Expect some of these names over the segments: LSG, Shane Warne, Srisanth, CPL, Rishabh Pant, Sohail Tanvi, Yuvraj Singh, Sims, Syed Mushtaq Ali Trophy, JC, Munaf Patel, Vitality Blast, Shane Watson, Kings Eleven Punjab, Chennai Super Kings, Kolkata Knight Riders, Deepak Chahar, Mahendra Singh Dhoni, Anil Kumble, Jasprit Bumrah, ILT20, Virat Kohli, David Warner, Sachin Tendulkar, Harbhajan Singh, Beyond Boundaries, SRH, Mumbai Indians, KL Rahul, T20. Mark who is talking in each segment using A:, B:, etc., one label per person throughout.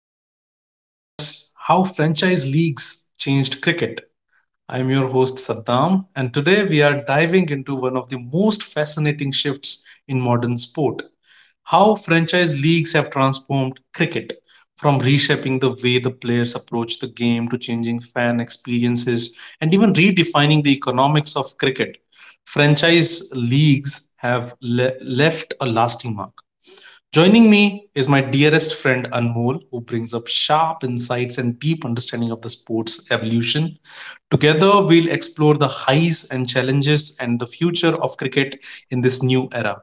A: where we're going to discuss how franchise leagues changed cricket. I'm your host, Saddam, and today we are diving into one of the most fascinating shifts in modern sport: how franchise leagues have transformed cricket, from reshaping the way the players approach the game to changing fan experiences and even redefining the economics of cricket. Franchise leagues have left a lasting mark. Joining me is my dearest friend Anmol, who brings up sharp insights and deep understanding of the sport's evolution. Together, we'll explore the highs and challenges and the future of cricket in this new era.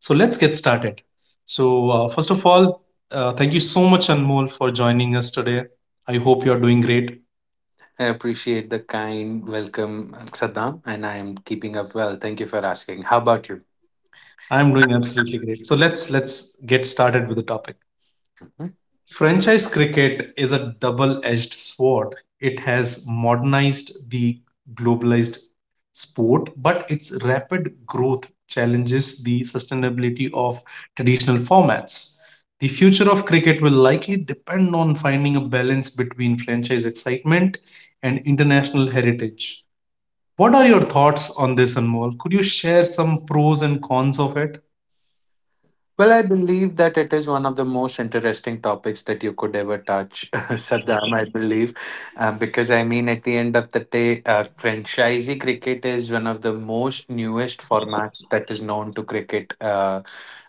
A: So, let's get started. So, first of all, thank you so much, Anmol, for joining us today. I hope you're doing great.
B: I appreciate the kind welcome, Saddam, and I am keeping up well. Thank you for asking. How about you?
A: I'm doing absolutely great. So, let's get started with the topic.
B: Hmm?
A: Franchise cricket is a double edged sword. It has modernized the globalized sport, but its rapid growth challenges the sustainability of traditional formats. The future of cricket will likely depend on finding a balance between franchise excitement and international heritage. What are your thoughts on this, Anmol? Could you share some pros and cons of it?
B: Well, I believe that it is one of the most interesting topics that you could ever touch, Saddam, I believe. Because, I mean, at the end of the day, franchisee cricket is one of the most newest formats that is known to cricket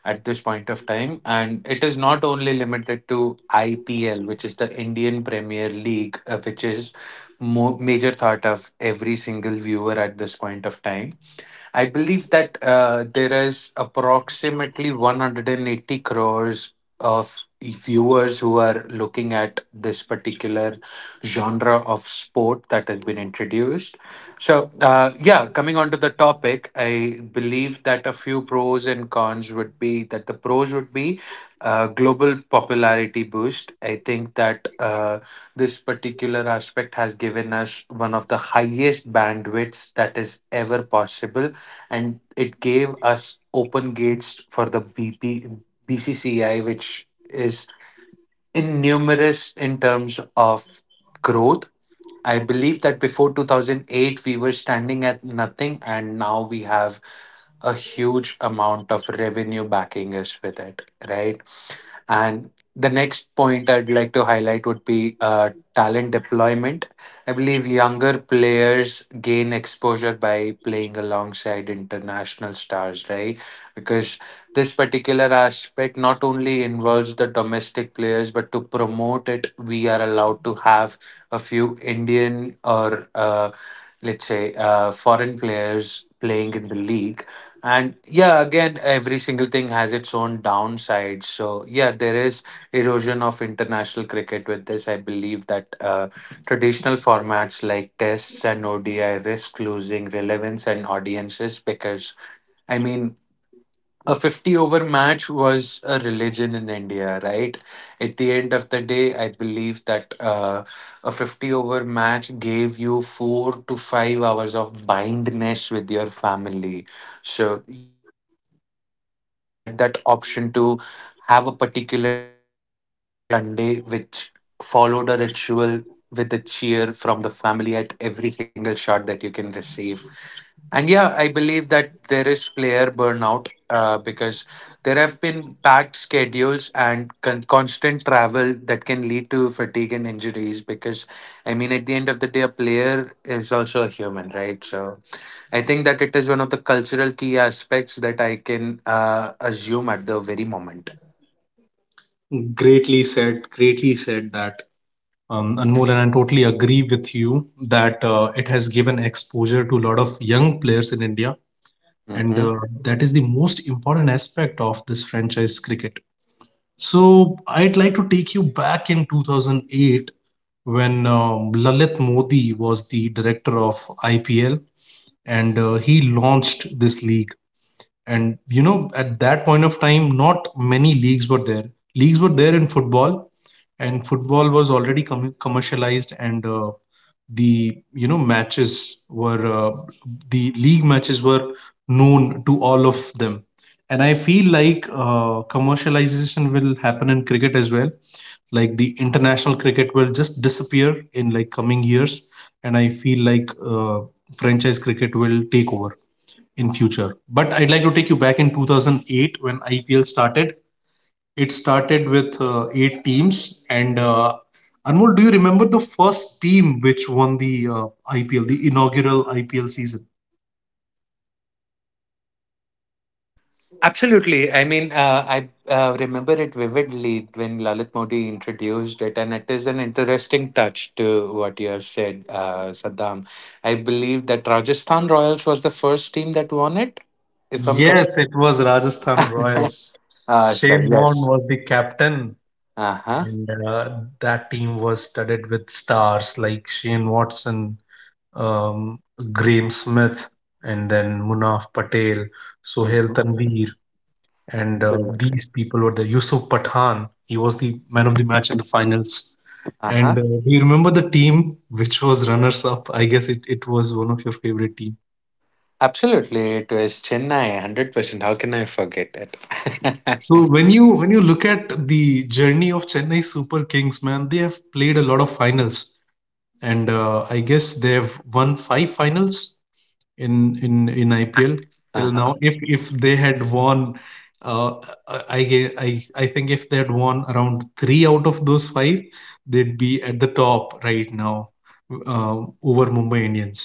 B: at this point of time. And it is not only limited to IPL, which is the Indian Premier League, which is major thought of every single viewer at this point of time. I believe that there is approximately 180 crores of viewers who are looking at this particular genre of sport that has been introduced. So, yeah, coming on to the topic, I believe that a few pros and cons would be that the pros would be global popularity boost. I think that this particular aspect has given us one of the highest bandwidths that is ever possible, and it gave us open gates for the BCCI, which is in numerous in terms of growth. I believe that before 2008, we were standing at nothing, and now we have a huge amount of revenue backing us with it, right? And the next point I'd like to highlight would be talent deployment. I believe younger players gain exposure by playing alongside international stars, right? Because this particular aspect not only involves the domestic players, but to promote it, we are allowed to have a few Indian or let's say foreign players playing in the league. And yeah, again, every single thing has its own downside. So yeah, there is erosion of international cricket with this. I believe that traditional formats like tests and ODI risk losing relevance and audiences because, I mean, a 50 over match was a religion in India, right? At the end of the day, I believe that a 50 over match gave you 4 to 5 hours of bindness with your family. So you had that option to have a particular dead set Sunday, which followed a ritual with a cheer from the family at every single shot that you can receive. And yeah, I believe that there is player burnout. Because there have been packed schedules and constant travel that can lead to fatigue and injuries because, I mean, at the end of the day, a player is also a human, right? So I think that it is one of the cultural key aspects that I can assume at the very moment.
A: Greatly said that. Anmol, and I totally agree with you that it has given exposure to a lot of young players in India, and
B: Mhm.
A: that is the most important aspect of this franchise cricket. So, I'd like to take you back in 2008 when Lalit Modi was the director of IPL and he launched this league. And at that point of time, not many leagues were there. Leagues were there in football, and football was already commercialized, and the matches were, the league matches were known to all of them. And I feel like commercialization will happen in cricket as well. Like the international cricket will just disappear in like coming years, and I feel like franchise cricket will take over in future. But I'd like to take you back in 2008 when IPL started. It started with eight teams. And Anmol, do you remember the first team which won the IPL, the inaugural IPL season?
B: Absolutely. I mean, I remember it vividly when Lalit Modi introduced it, and it is an interesting touch to what you have said, Saddam. I believe that Rajasthan Royals was the first team that won it, if I'm correct.
A: Yes, it was Rajasthan Royals.
B: Ah, sir,
A: Shane Warne
B: yes.
A: was the captain,
B: Uh huh.
A: and that team was studded with stars like Shane Watson, um, Graham Smith, and then Munaf Patel, Sohail
B: Hmm.
A: Tanvi, and
B: Absolutely.
A: these people were the Yusuf Pathan. He was the man of the match in the finals.
B: Uh
A: And
B: huh.
A: do you remember the team which was runners-up? I guess it was one of your favorite team.
B: Absolutely. It was Chennai, 100%. How can I forget that?
A: So when you look at the journey of Chennai Super Kings, man, they have played a lot of finals, and I guess they have won five finals in IPL
B: Uh
A: till
B: huh.
A: now. If they had won, uh, I ge- I think if they had won around three out of those five, they'd be at the top right now, over Mumbai Indians.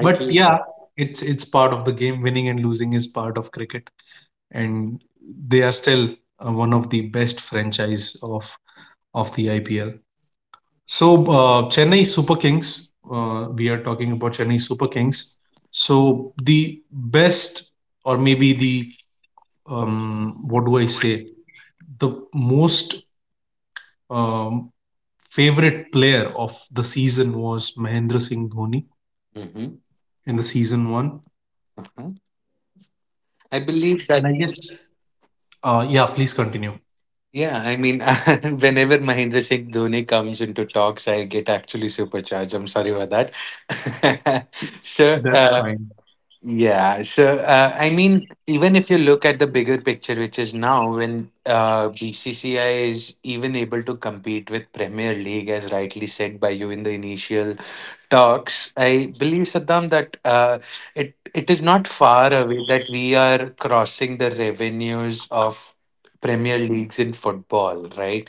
A: But yeah,
B: said.
A: it's part of the game. Winning and losing is part of cricket, and they are still one of the best franchise of the IPL. So, Chennai Super Kings, we are talking about Chennai Super Kings. So, the best, or maybe the, what do I say, the most um, favorite player of the season was Mahendra Singh Dhoni
B: Mhm.
A: in the season one.
B: Mhm. I believe
A: And
B: that.
A: I guess, yeah, please continue.
B: Yeah, I mean, whenever Mahendra Singh Dhoni comes into talks, I get actually supercharged. I'm sorry about that. so,
A: That's
B: uh,
A: fine.
B: yeah, so, I mean, even if you look at the bigger picture, which is now when BCCI is even able to compete with Premier League, as rightly said by you in the initial talks, I believe, Saddam, that it is not far away that we are crossing the revenues of Premier Leagues in football, right?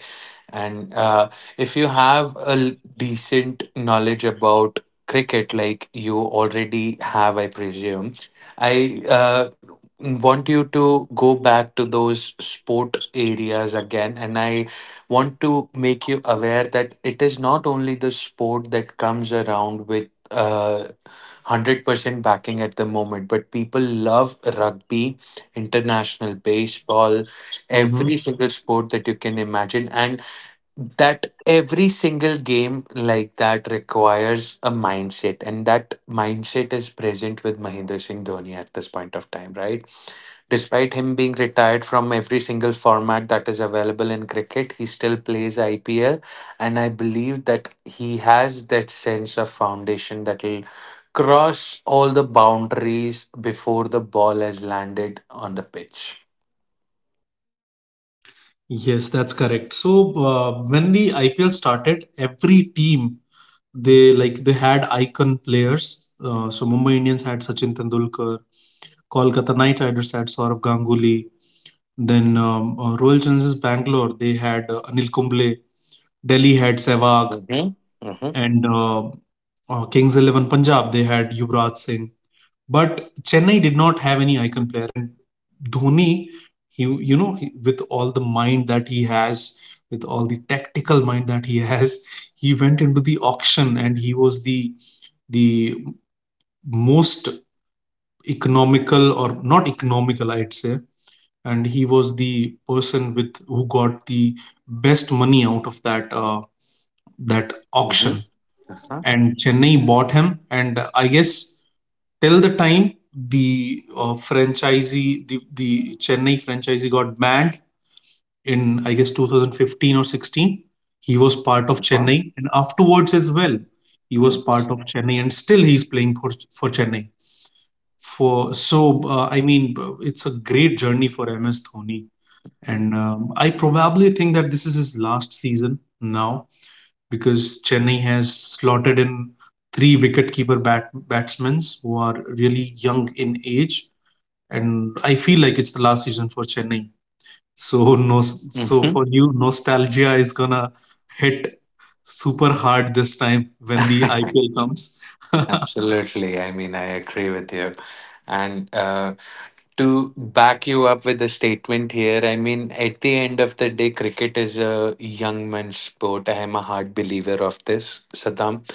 B: And if you have a decent knowledge about cricket, like you already have, I presume, I want you to go back to those sport areas again. And I want to make you aware that it is not only the sport that comes around with 100% backing at the moment, but people love rugby, international baseball, every
A: hmm
B: single sport that you can imagine. And that every single game like that requires a mindset. And that mindset is present with Mahindra Singh Dhoni at this point of time, right? Despite him being retired from every single format that is available in cricket, he still plays IPL. And I believe that he has that sense of foundation that will cross all the boundaries before the ball has landed on the pitch.
A: Yes, that's correct. So, when the IPL started, every team they like they had icon players. So, Mumbai Indians had Sachin Tendulkar, Kolkata Knight Riders had Saurav Ganguly. Then Royal Challengers Bangalore they had Anil Kumble. Delhi had Sehwag,
B: Mm-hmm. Mm-hmm.
A: and Kings XI Punjab they had Yuvraj Singh. But Chennai did not have any icon player, and Dhoni, he you know he, with all the mind that he has, with all the tactical mind that he has, he went into the auction and he was the most economical, or not economical, I'd say, and he was the person with who got the best money out of that auction,
B: Mm-hmm.
A: and Chennai bought him. And I guess till the time the Chennai franchisee got banned in, I guess, 2015 or 16, he was part of
B: Uh-huh.
A: Chennai, and afterwards as well he was
B: Uh-huh.
A: part of Chennai, and still he's playing for Chennai. For so I mean, it's a great journey for MS Dhoni, and I probably think that this is his last season now because Chennai has slotted in three wicketkeeper batsmen who are really young in age, and I feel like it's the last season for Chennai. So no, so
B: Mm-hmm.
A: for you, nostalgia is gonna hit super hard this time when the IPL comes.
B: Absolutely. I mean, I agree with you. And to back you up with the statement here, I mean, at the end of the day, cricket is a young man's sport. I am a hard believer of this, Saddam.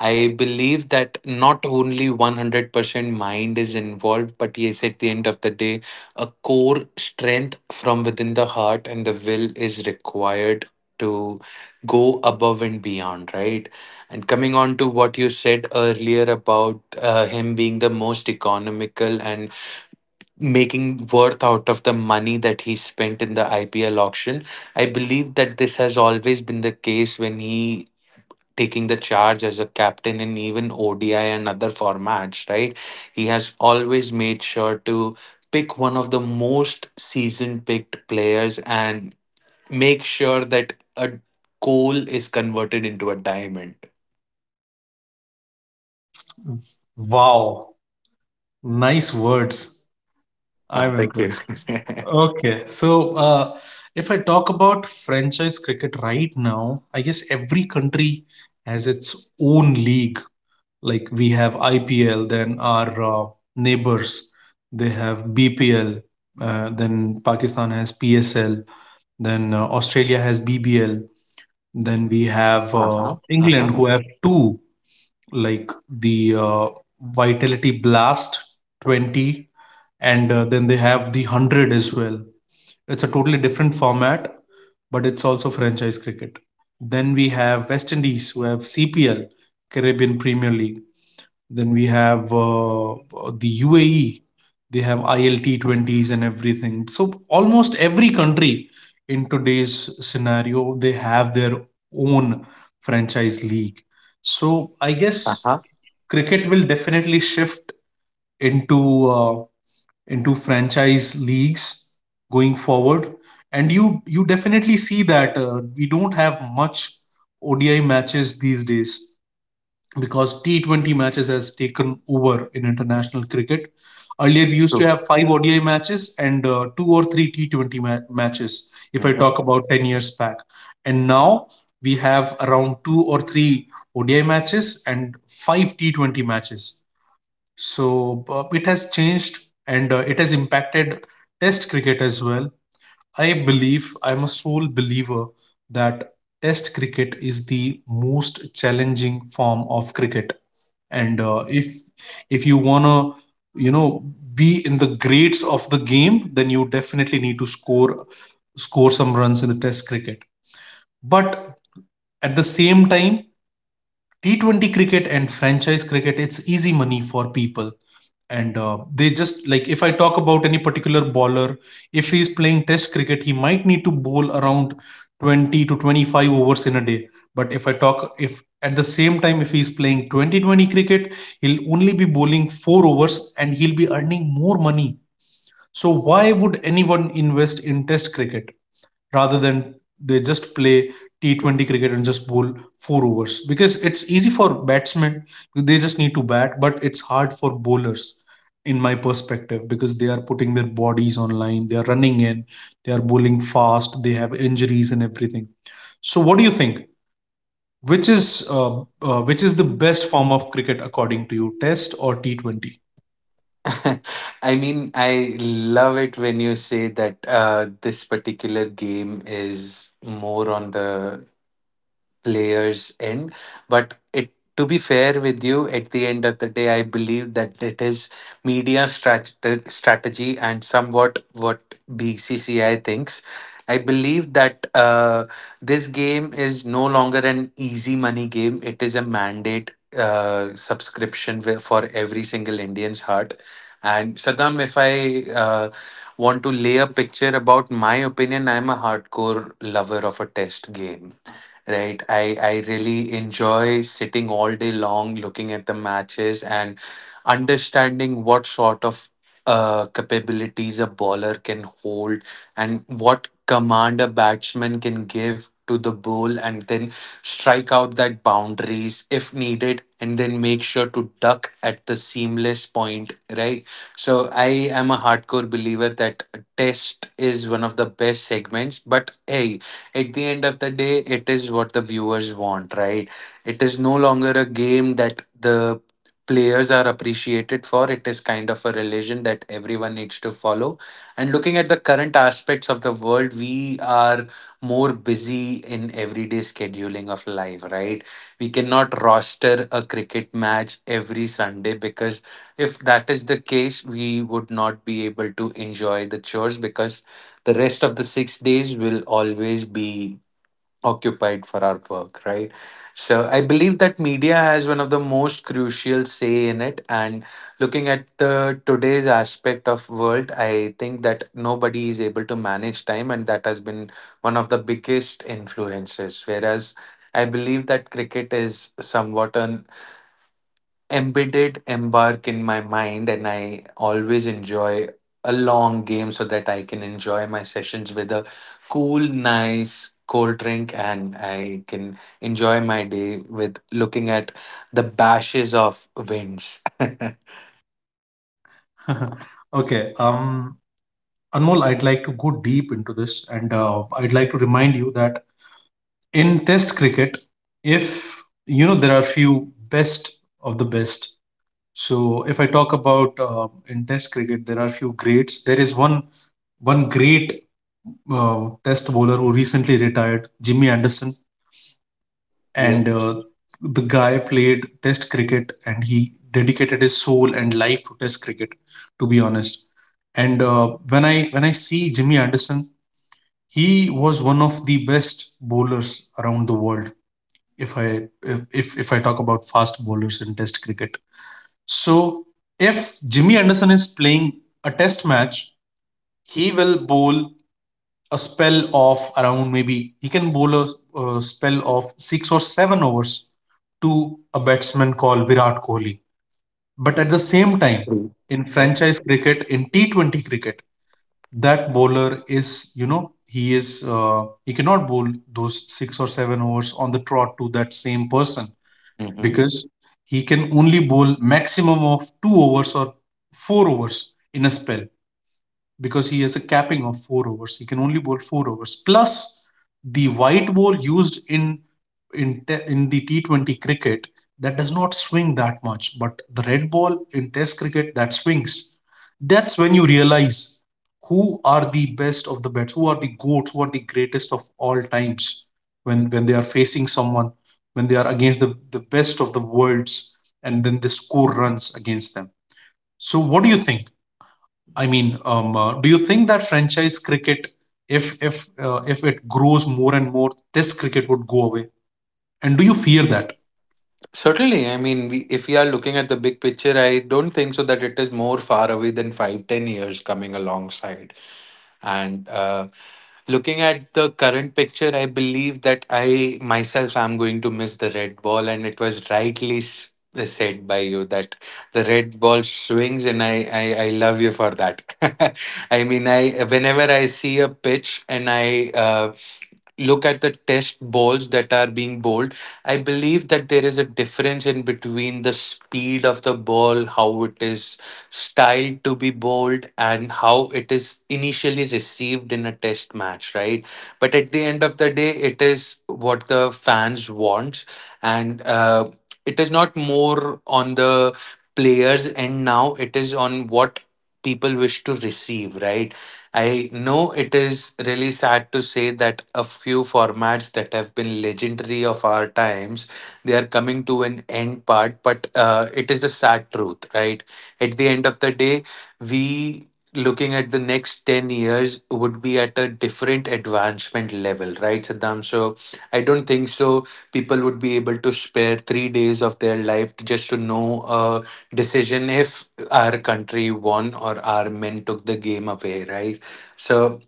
B: I believe that not only 100% mind is involved, but yes, at the end of the day, a core strength from within the heart and the will is required to go above and beyond, right? And coming on to what you said earlier about him being the most economical and making worth out of the money that he spent in the IPL auction, I believe that this has always been the case when he taking the charge as a captain in even ODI and other formats, right? He has always made sure to pick one of the most season picked players and make sure that a coal is converted into a diamond.
A: Wow, nice words.
B: Ah,
A: I'm
B: thank you.
A: impressed. Okay, so if I talk about franchise cricket right now, I guess every country has its own league. Like we have IPL, then our neighbors, they have BPL, then Pakistan has PSL, then Australia has BBL, then we have
B: Uh-huh. Uh-huh.
A: England, who have two, like the Vitality Blast 20, and then they have the 100 as well. It's a totally different format, but it's also franchise cricket. Then we have West Indies, who have CPL, Caribbean Premier League. Then we have the UAE, they have ILT20s and everything. So almost every country in today's scenario, they have their own franchise league. So I guess
B: Uh-huh.
A: cricket will definitely shift into uh, into franchise leagues going forward. And you definitely see that we don't have much ODI matches these days because T20 matches has taken over in international cricket. Earlier, we used to
B: True.
A: have five ODI matches and two or three T20 matches, if I
B: Mhm.
A: talk about 10 years back. And now we have around two or three ODI matches and five T20 matches. So it has changed, and it has impacted Test cricket as well. I believe, I'm a sole believer that Test cricket is the most challenging form of cricket. And if you wanna, you know, be in the grades of the game, then you definitely need to score some runs in the Test cricket. But at the same time, T20 cricket and franchise cricket, it's easy money for people, and they just, like, if I talk about any particular bowler, if he's playing test cricket, he might need to bowl around 20 to 25 overs in a day. But if I talk if at the same time, if he's playing 2020 cricket, he'll only be bowling 4 overs, and he'll be earning more money. So why would anyone invest in test cricket, rather than they just play T20 cricket and just bowl four overs, because it's easy for batsmen, they just need to bat, but it's hard for bowlers, in my perspective, because they are putting their bodies on line, they are running in, they are bowling fast, they have injuries and everything. So what do you think, which is the best form of cricket according to you, test or T20?
B: I mean, I love it when you say that this particular game is more on the player's end. But it to be fair with you, at the end of the day, I believe that it is media strategy and somewhat what BCCI thinks. I believe that this game is no longer an easy money game. It is a mandate subscription for every single Indian's heart. And Saddam, if I want to lay a picture about my opinion, I'm a hardcore lover of a test game, right? I really enjoy sitting all day long looking at the matches and understanding what sort of capabilities a baller can hold and what command a batsman can give to the ball, and then strike out that boundaries if needed, and then make sure to duck at the seamless point, right? So I am a hardcore believer that test is one of the best segments, but hey, at the end of the day, it is what the viewers want, right? It is no longer a game that the players are appreciated for. It is kind of a religion that everyone needs to follow, and looking at the current aspects of the world, we are more busy in everyday scheduling of life, right? We cannot roster a cricket match every Sunday, because if that is the case, we would not be able to enjoy the chores, because the rest of the 6 days will always be occupied for our work, right? So I believe that media has one of the most crucial say in it. And looking at the today's aspect of world, I think that nobody is able to manage time, and that has been one of the biggest influences. Whereas I believe that cricket is somewhat an embedded embark in my mind, and I always enjoy a long game so that I can enjoy my sessions with a cool nice cold drink, and I can enjoy my day with looking at the bashes of winds.
A: Okay, Anmol, I'd like to go deep into this, and I'd like to remind you that in test cricket, if you know, there are few best of the best. So if I talk about, in test cricket there are few greats, there is one great test bowler who recently retired, Jimmy Anderson. And
B: Yes.
A: the guy played test cricket and he dedicated his soul and life to test cricket, to be honest. And when I see Jimmy Anderson, he was one of the best bowlers around the world, if I talk about fast bowlers in Test cricket. So if Jimmy Anderson is playing a Test match, he will bowl a spell of around, maybe he can bowl a spell of six or seven overs to a batsman called Virat Kohli. But at the same time,
B: True.
A: in
B: Yeah.
A: franchise cricket, in T20 cricket, that bowler, is he is, he cannot bowl those six or seven overs on the trot to that same person
B: Hmm.
A: because he can only bowl maximum of 2 overs or 4 overs in a spell because he has a capping of four overs. He can only bowl four overs. Plus, the white ball used in the T20 cricket that does not swing that much, but the red ball in Test cricket that swings. That's when you realize who are the best of the bets, who are the goats, who are the greatest of all times, when they are facing someone, when they are against the best of the worlds, and then they score runs against them. So, what do you think? I mean, do you think that franchise cricket, if it grows more and more, Test cricket would go away? And do you fear that?
B: Certainly. I mean, we, if we are looking at the big picture, I don't think so that it is more far away than 5 10 years coming alongside, and looking at the current picture, I believe that I myself am going to miss the red ball, and it was rightly said by you that the red ball swings, and I love you for that. I mean, I whenever I see a pitch and I look at the test balls that are being bowled, I believe that there is a difference in between the speed of the ball, how it is styled to be bowled, and how it is initially received in a test match, right? But at the end of the day, it is what the fans want, and it is not more on the players end now, it is on what people wish to receive, right? I know it is really sad to say that a few formats that have been legendary of our times, they are coming to an end part, but it is the sad truth, right? At the end of the day, we looking at the next 10 years would be at a different advancement level, right, Saddam? So I don't think so people would be able to spare 3 days of their life just to know a decision if our country won or our men took the game away, right? So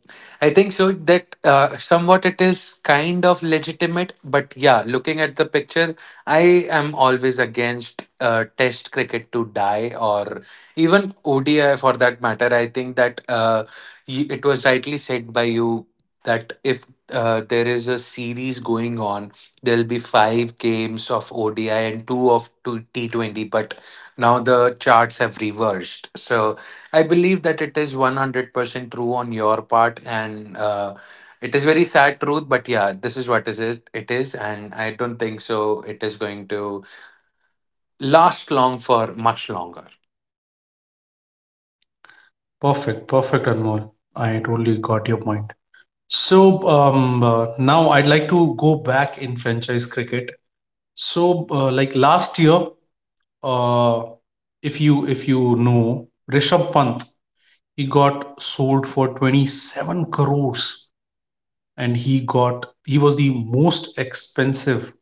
B: I think so that somewhat it is kind of legitimate, but yeah, looking at the picture, I am always against Test cricket to die or even ODI for that matter. I think that it was rightly said by you that if there is a series going on, there'll be five games of ODI and two T20. But now the charts have reversed. So I believe that it is 100% true on your part, and it is very sad truth, but yeah, this is what is it, it is, and I don't think so it is going to last long for much longer.
A: Perfect, perfect, Anmol. I totally got your point. So now I'd like to go back in franchise cricket. So like last year, uh, if you know Rishabh Pant, he got sold for 27 crores, and he was the most expensive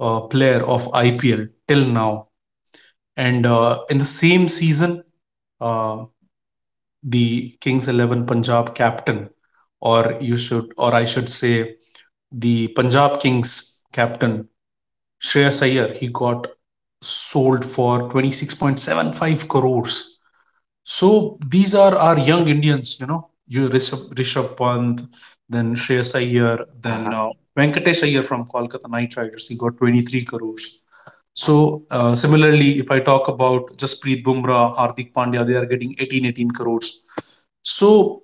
A: player of IPL till now. And in the same season, uh, the Kings 11 Punjab captain, or you should, or I should say, the Punjab Kings captain Shreyas Iyer, he got sold for 26.75 crores. So these are our young Indians, you know, Rishabh Pant, then Shreyas Iyer, then
B: Uh-huh.
A: Venkatesh Iyer from Kolkata Knight Riders. He got 23 crores. So similarly, if I talk about Jasprit Bumrah, Hardik Pandya, they are getting 18 18 crores. So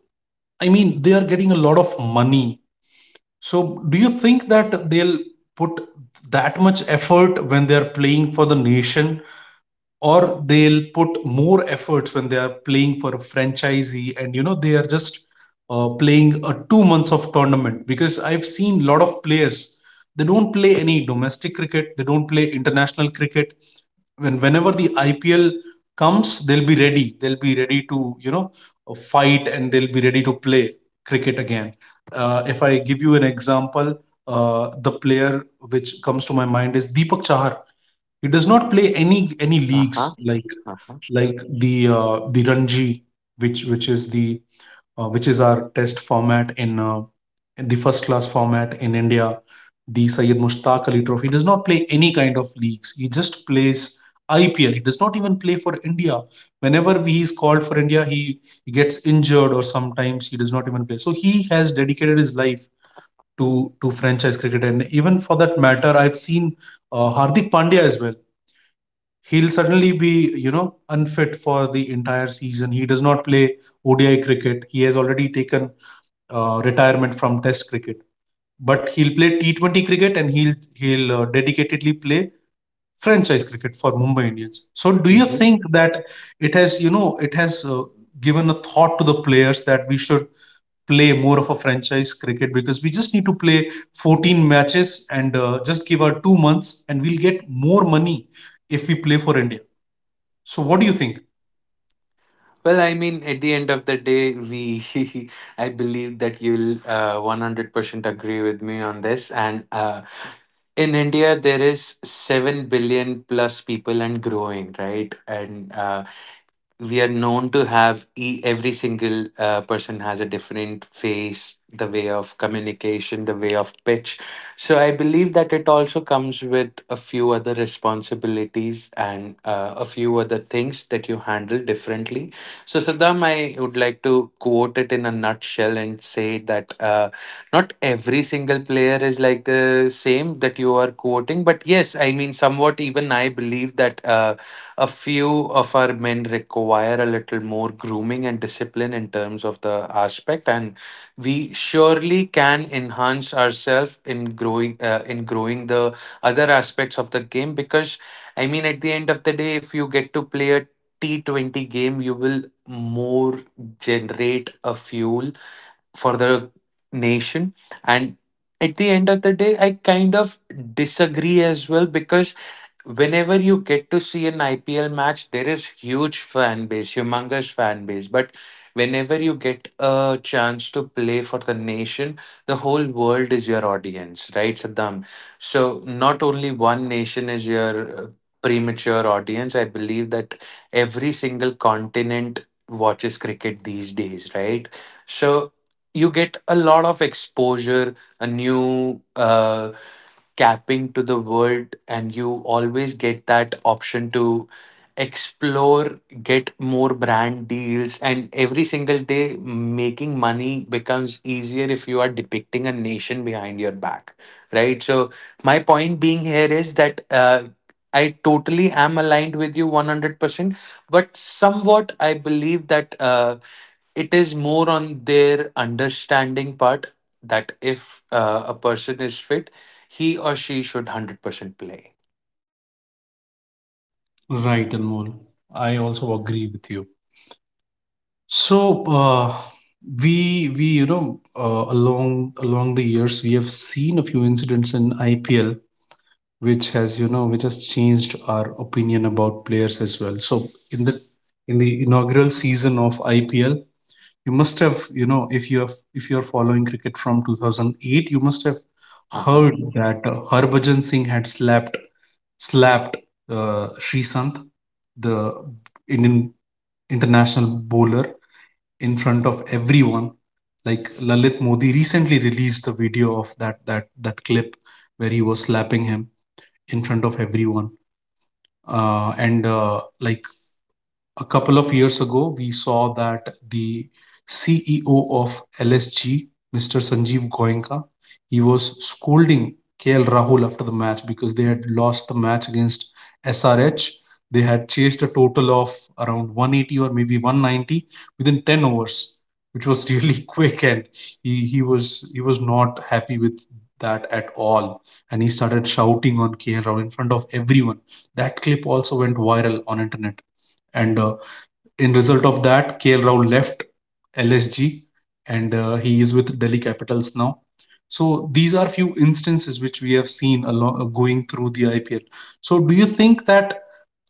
A: I mean, they are getting a lot of money. So do you think that they'll put that much effort when they are playing for the nation, or they'll put more efforts when they are playing for a franchisee, and you know they are just playing a 2 months of tournament? Because I've seen a lot of players, they don't play any domestic cricket, they don't play international cricket. Whenever the IPL comes, they'll be ready to, you know, fight, and they'll be ready to play cricket again. If I give you an example, the player which comes to my mind is Deepak Chahar. He does not play any leagues
B: Uh-huh. Uh-huh.
A: like the Ranji, which is the which is our test format in the first class format in India. The Syed Mushtaq Ali Trophy, does not play any kind of leagues. He just plays IPL. He does not even play for India. Whenever he is called for India, he gets injured, or sometimes he does not even play. So he has dedicated his life to franchise cricket, and even for that matter, I've seen Hardik Pandya as well. He'll suddenly be, you know, unfit for the entire season. He does not play ODI cricket. He has already taken retirement from test cricket, but he'll play T20 cricket, and he'll dedicatedly play franchise cricket for Mumbai Indians. So do you
B: Mhm.
A: think that it has, you know, it has given a thought to the players that we should play more of a franchise cricket, because we just need to play 14 matches and just give our 2 months and we'll get more money if we play for India? So what do you think?
B: Well, I mean, at the end of the day, we, I believe that you'll 100% agree with me on this. And in India, there is 7 billion plus people and growing, right? And we are known to have every single person has a different face, the way of communication, the way of pitch. So I believe that it also comes with a few other responsibilities and a few other things that you handle differently. So Saddam, I would like to quote it in a nutshell and say that not every single player is like the same that you are quoting, but yes, I mean, somewhat even I believe that a few of our men require a little more grooming and discipline in terms of the aspect, and we surely can enhance ourselves in growing in growing the other aspects of the game. Because I mean, at the end of the day, if you get to play a T20 game, you will more generate a fuel for the nation. And at the end of the day, I kind of disagree as well, because whenever you get to see an IPL match, there is huge fan base, humongous fan base. But whenever you get a chance to play for the nation, the whole world is your audience, right, Saddam? So not only one nation is your premature audience. I believe that every single continent watches cricket these days, right? So you get a lot of exposure, a new capping to the world, and you always get that option to explore, get more brand deals, and every single day making money becomes easier if you are depicting a nation behind your back, right? So my point being here is that I totally am aligned with you 100%, but somewhat I believe that it is more on their understanding part, that if a person is fit, he or she should 100% play.
A: Right, Anmol. I also agree with you. So we you know along the years we have seen a few incidents in IPL which has, you know, which has changed our opinion about players as well. So in the in the inaugural season of IPL, you must have, you know, if you have, if you are following cricket from 2008, you must have
B: Uh-huh.
A: heard that Harbhajan Singh had slapped Srisanth, the Indian international bowler, in front of everyone. Like Lalit Modi recently released the video of that clip where he was slapping him in front of everyone. And Like a couple of years ago, we saw that the CEO of LSG, Mr. Sanjeev Goenka, he was scolding KL Rahul after the match because they had lost the match against SRH. They had chased a total of around 180 or maybe 190 within 10 overs, which was really quick, and he was not happy with that at all. And he started shouting on KL Rahul in front of everyone. That clip also went viral on internet, and in result of that, KL Rahul left LSG, and he is with Delhi Capitals now. So these are few instances which we have seen along, going through the IPL. So do you think that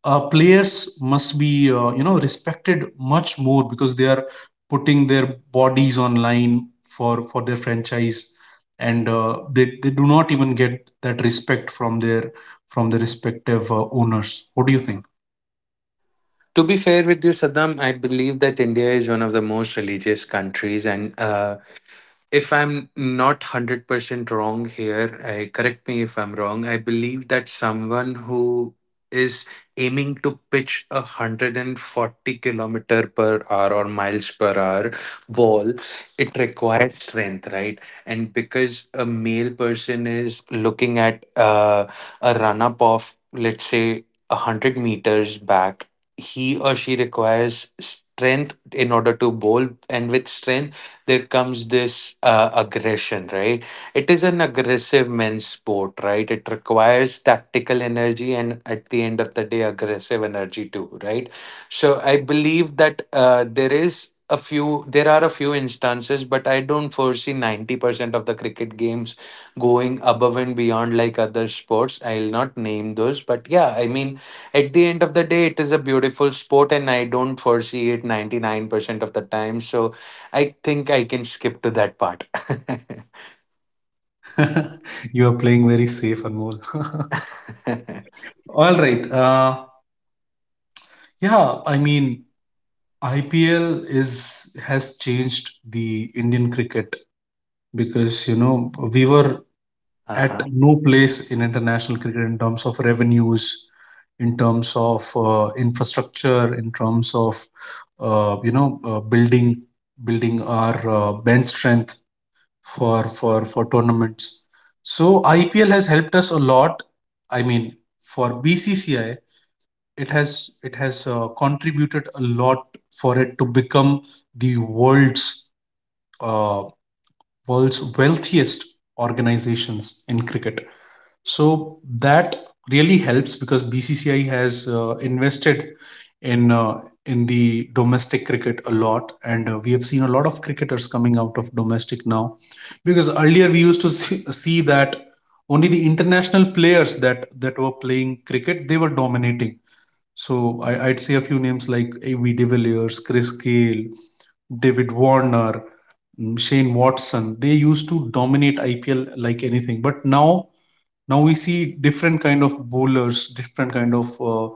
A: players must be you know respected much more because they are putting their bodies on line for their franchise, and they do not even get that respect from their from the respective owners? What do you think?
B: To be fair with you, Saddam, I believe that India is one of the most religious countries, and if I'm not 100% wrong here, I, correct me if I'm wrong, I believe that someone who is aiming to pitch a 140 kilometer per hour or miles per hour ball, it requires strength, right? And because a male person is looking at a run up of, let's say, 100 meters back, he or she requires strength in order to bowl, and with strength, there comes this aggression, right? It is an aggressive men's sport, right? It requires tactical energy and at the end of the day, aggressive energy too, right? So I believe that there are a few instances, but I don't foresee 90% of the cricket games going above and beyond like other sports. I'll not name those, but yeah, I mean, at the end of the day, it is a beautiful sport, and I don't foresee it 99% of the time. So I think I can skip to that part.
A: You are playing very safe, Anmol. All right. Yeah, I mean, IPL is has changed the Indian cricket, because you know we were at
B: Uh-huh.
A: no place in international cricket in terms of revenues, in terms of infrastructure, in terms of uh, you know uh, building building our bench strength for tournaments. So IPL has helped us a lot. I mean, for BCCI, it has contributed a lot for it to become the uh, world's wealthiest organizations in cricket. So that really helps, because BCCI has invested in uh, in the domestic cricket a lot, and we have seen a lot of cricketers coming out of domestic now. Because earlier we used to see that only the international players that were playing cricket, they were dominating. So I'd say a few names like A.V. de Villiers, Chris Gayle, David Warner, Shane Watson. They used to dominate IPL like anything, but now we see different kind of bowlers, different kind of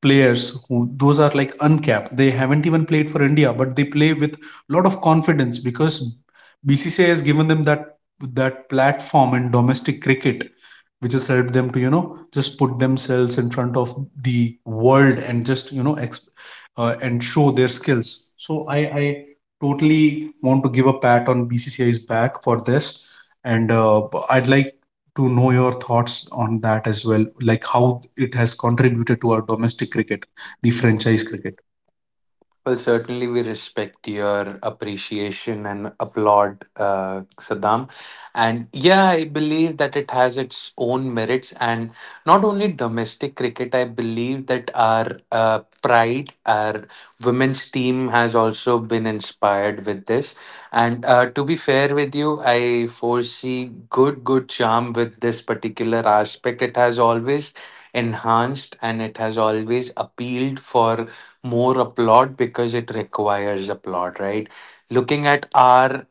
A: players who those are like uncapped. They haven't even played for India, but they play with a lot of confidence, because BCCI has given them that platform in domestic cricket, which has helped them to, you know, just put themselves in front of the world and just, you know, and show their skills. So I totally want to give a pat on BCCI's back for this, and I'd like to know your thoughts on that as well, like how it has contributed to our domestic cricket, the franchise cricket.
B: Well, certainly we respect your appreciation and applaud Saddam. And yeah, I believe that it has its own merits. And not only domestic cricket, I believe that our pride, our women's team has also been inspired with this. And to be fair with you, I foresee good charm with this particular aspect. It has always enhanced and it has always appealed for more applaud because it requires applaud, right? Looking at our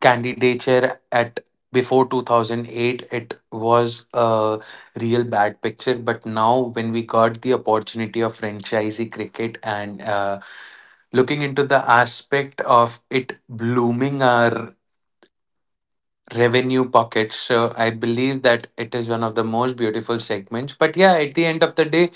B: candidature at before 2008, it was a real bad picture, but now when we got the opportunity of franchisee cricket and looking into the aspect of it blooming our revenue pockets, so I believe that it is one of the most beautiful segments. But yeah, at the end of the day,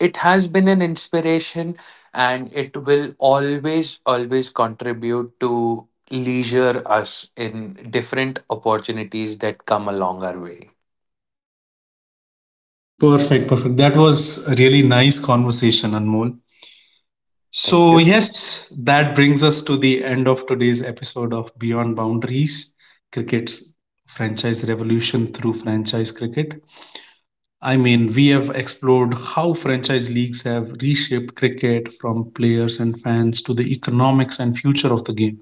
B: it has been an inspiration, and it will always contribute to leisure us in different opportunities that come along our way.
A: Perfect, perfect. That was a really nice conversation, Anmol.
B: Thank
A: So,
B: you,
A: yes, that brings us to the end of today's episode of Beyond Boundaries: Cricket's Franchise Revolution through Franchise Cricket. I mean, we have explored how franchise leagues have reshaped cricket, from players and fans to the economics and future of the game.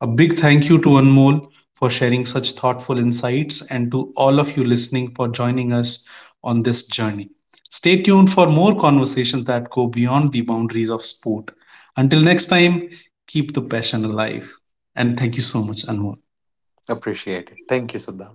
A: A big thank you to Anmol for sharing such thoughtful insights, and to all of you listening for joining us on this journey. Stay tuned for more conversations that go beyond the boundaries of sport. Until next time, keep the passion alive. And thank you so much, Anmol.
B: appreciate it. Thank you, Siddha.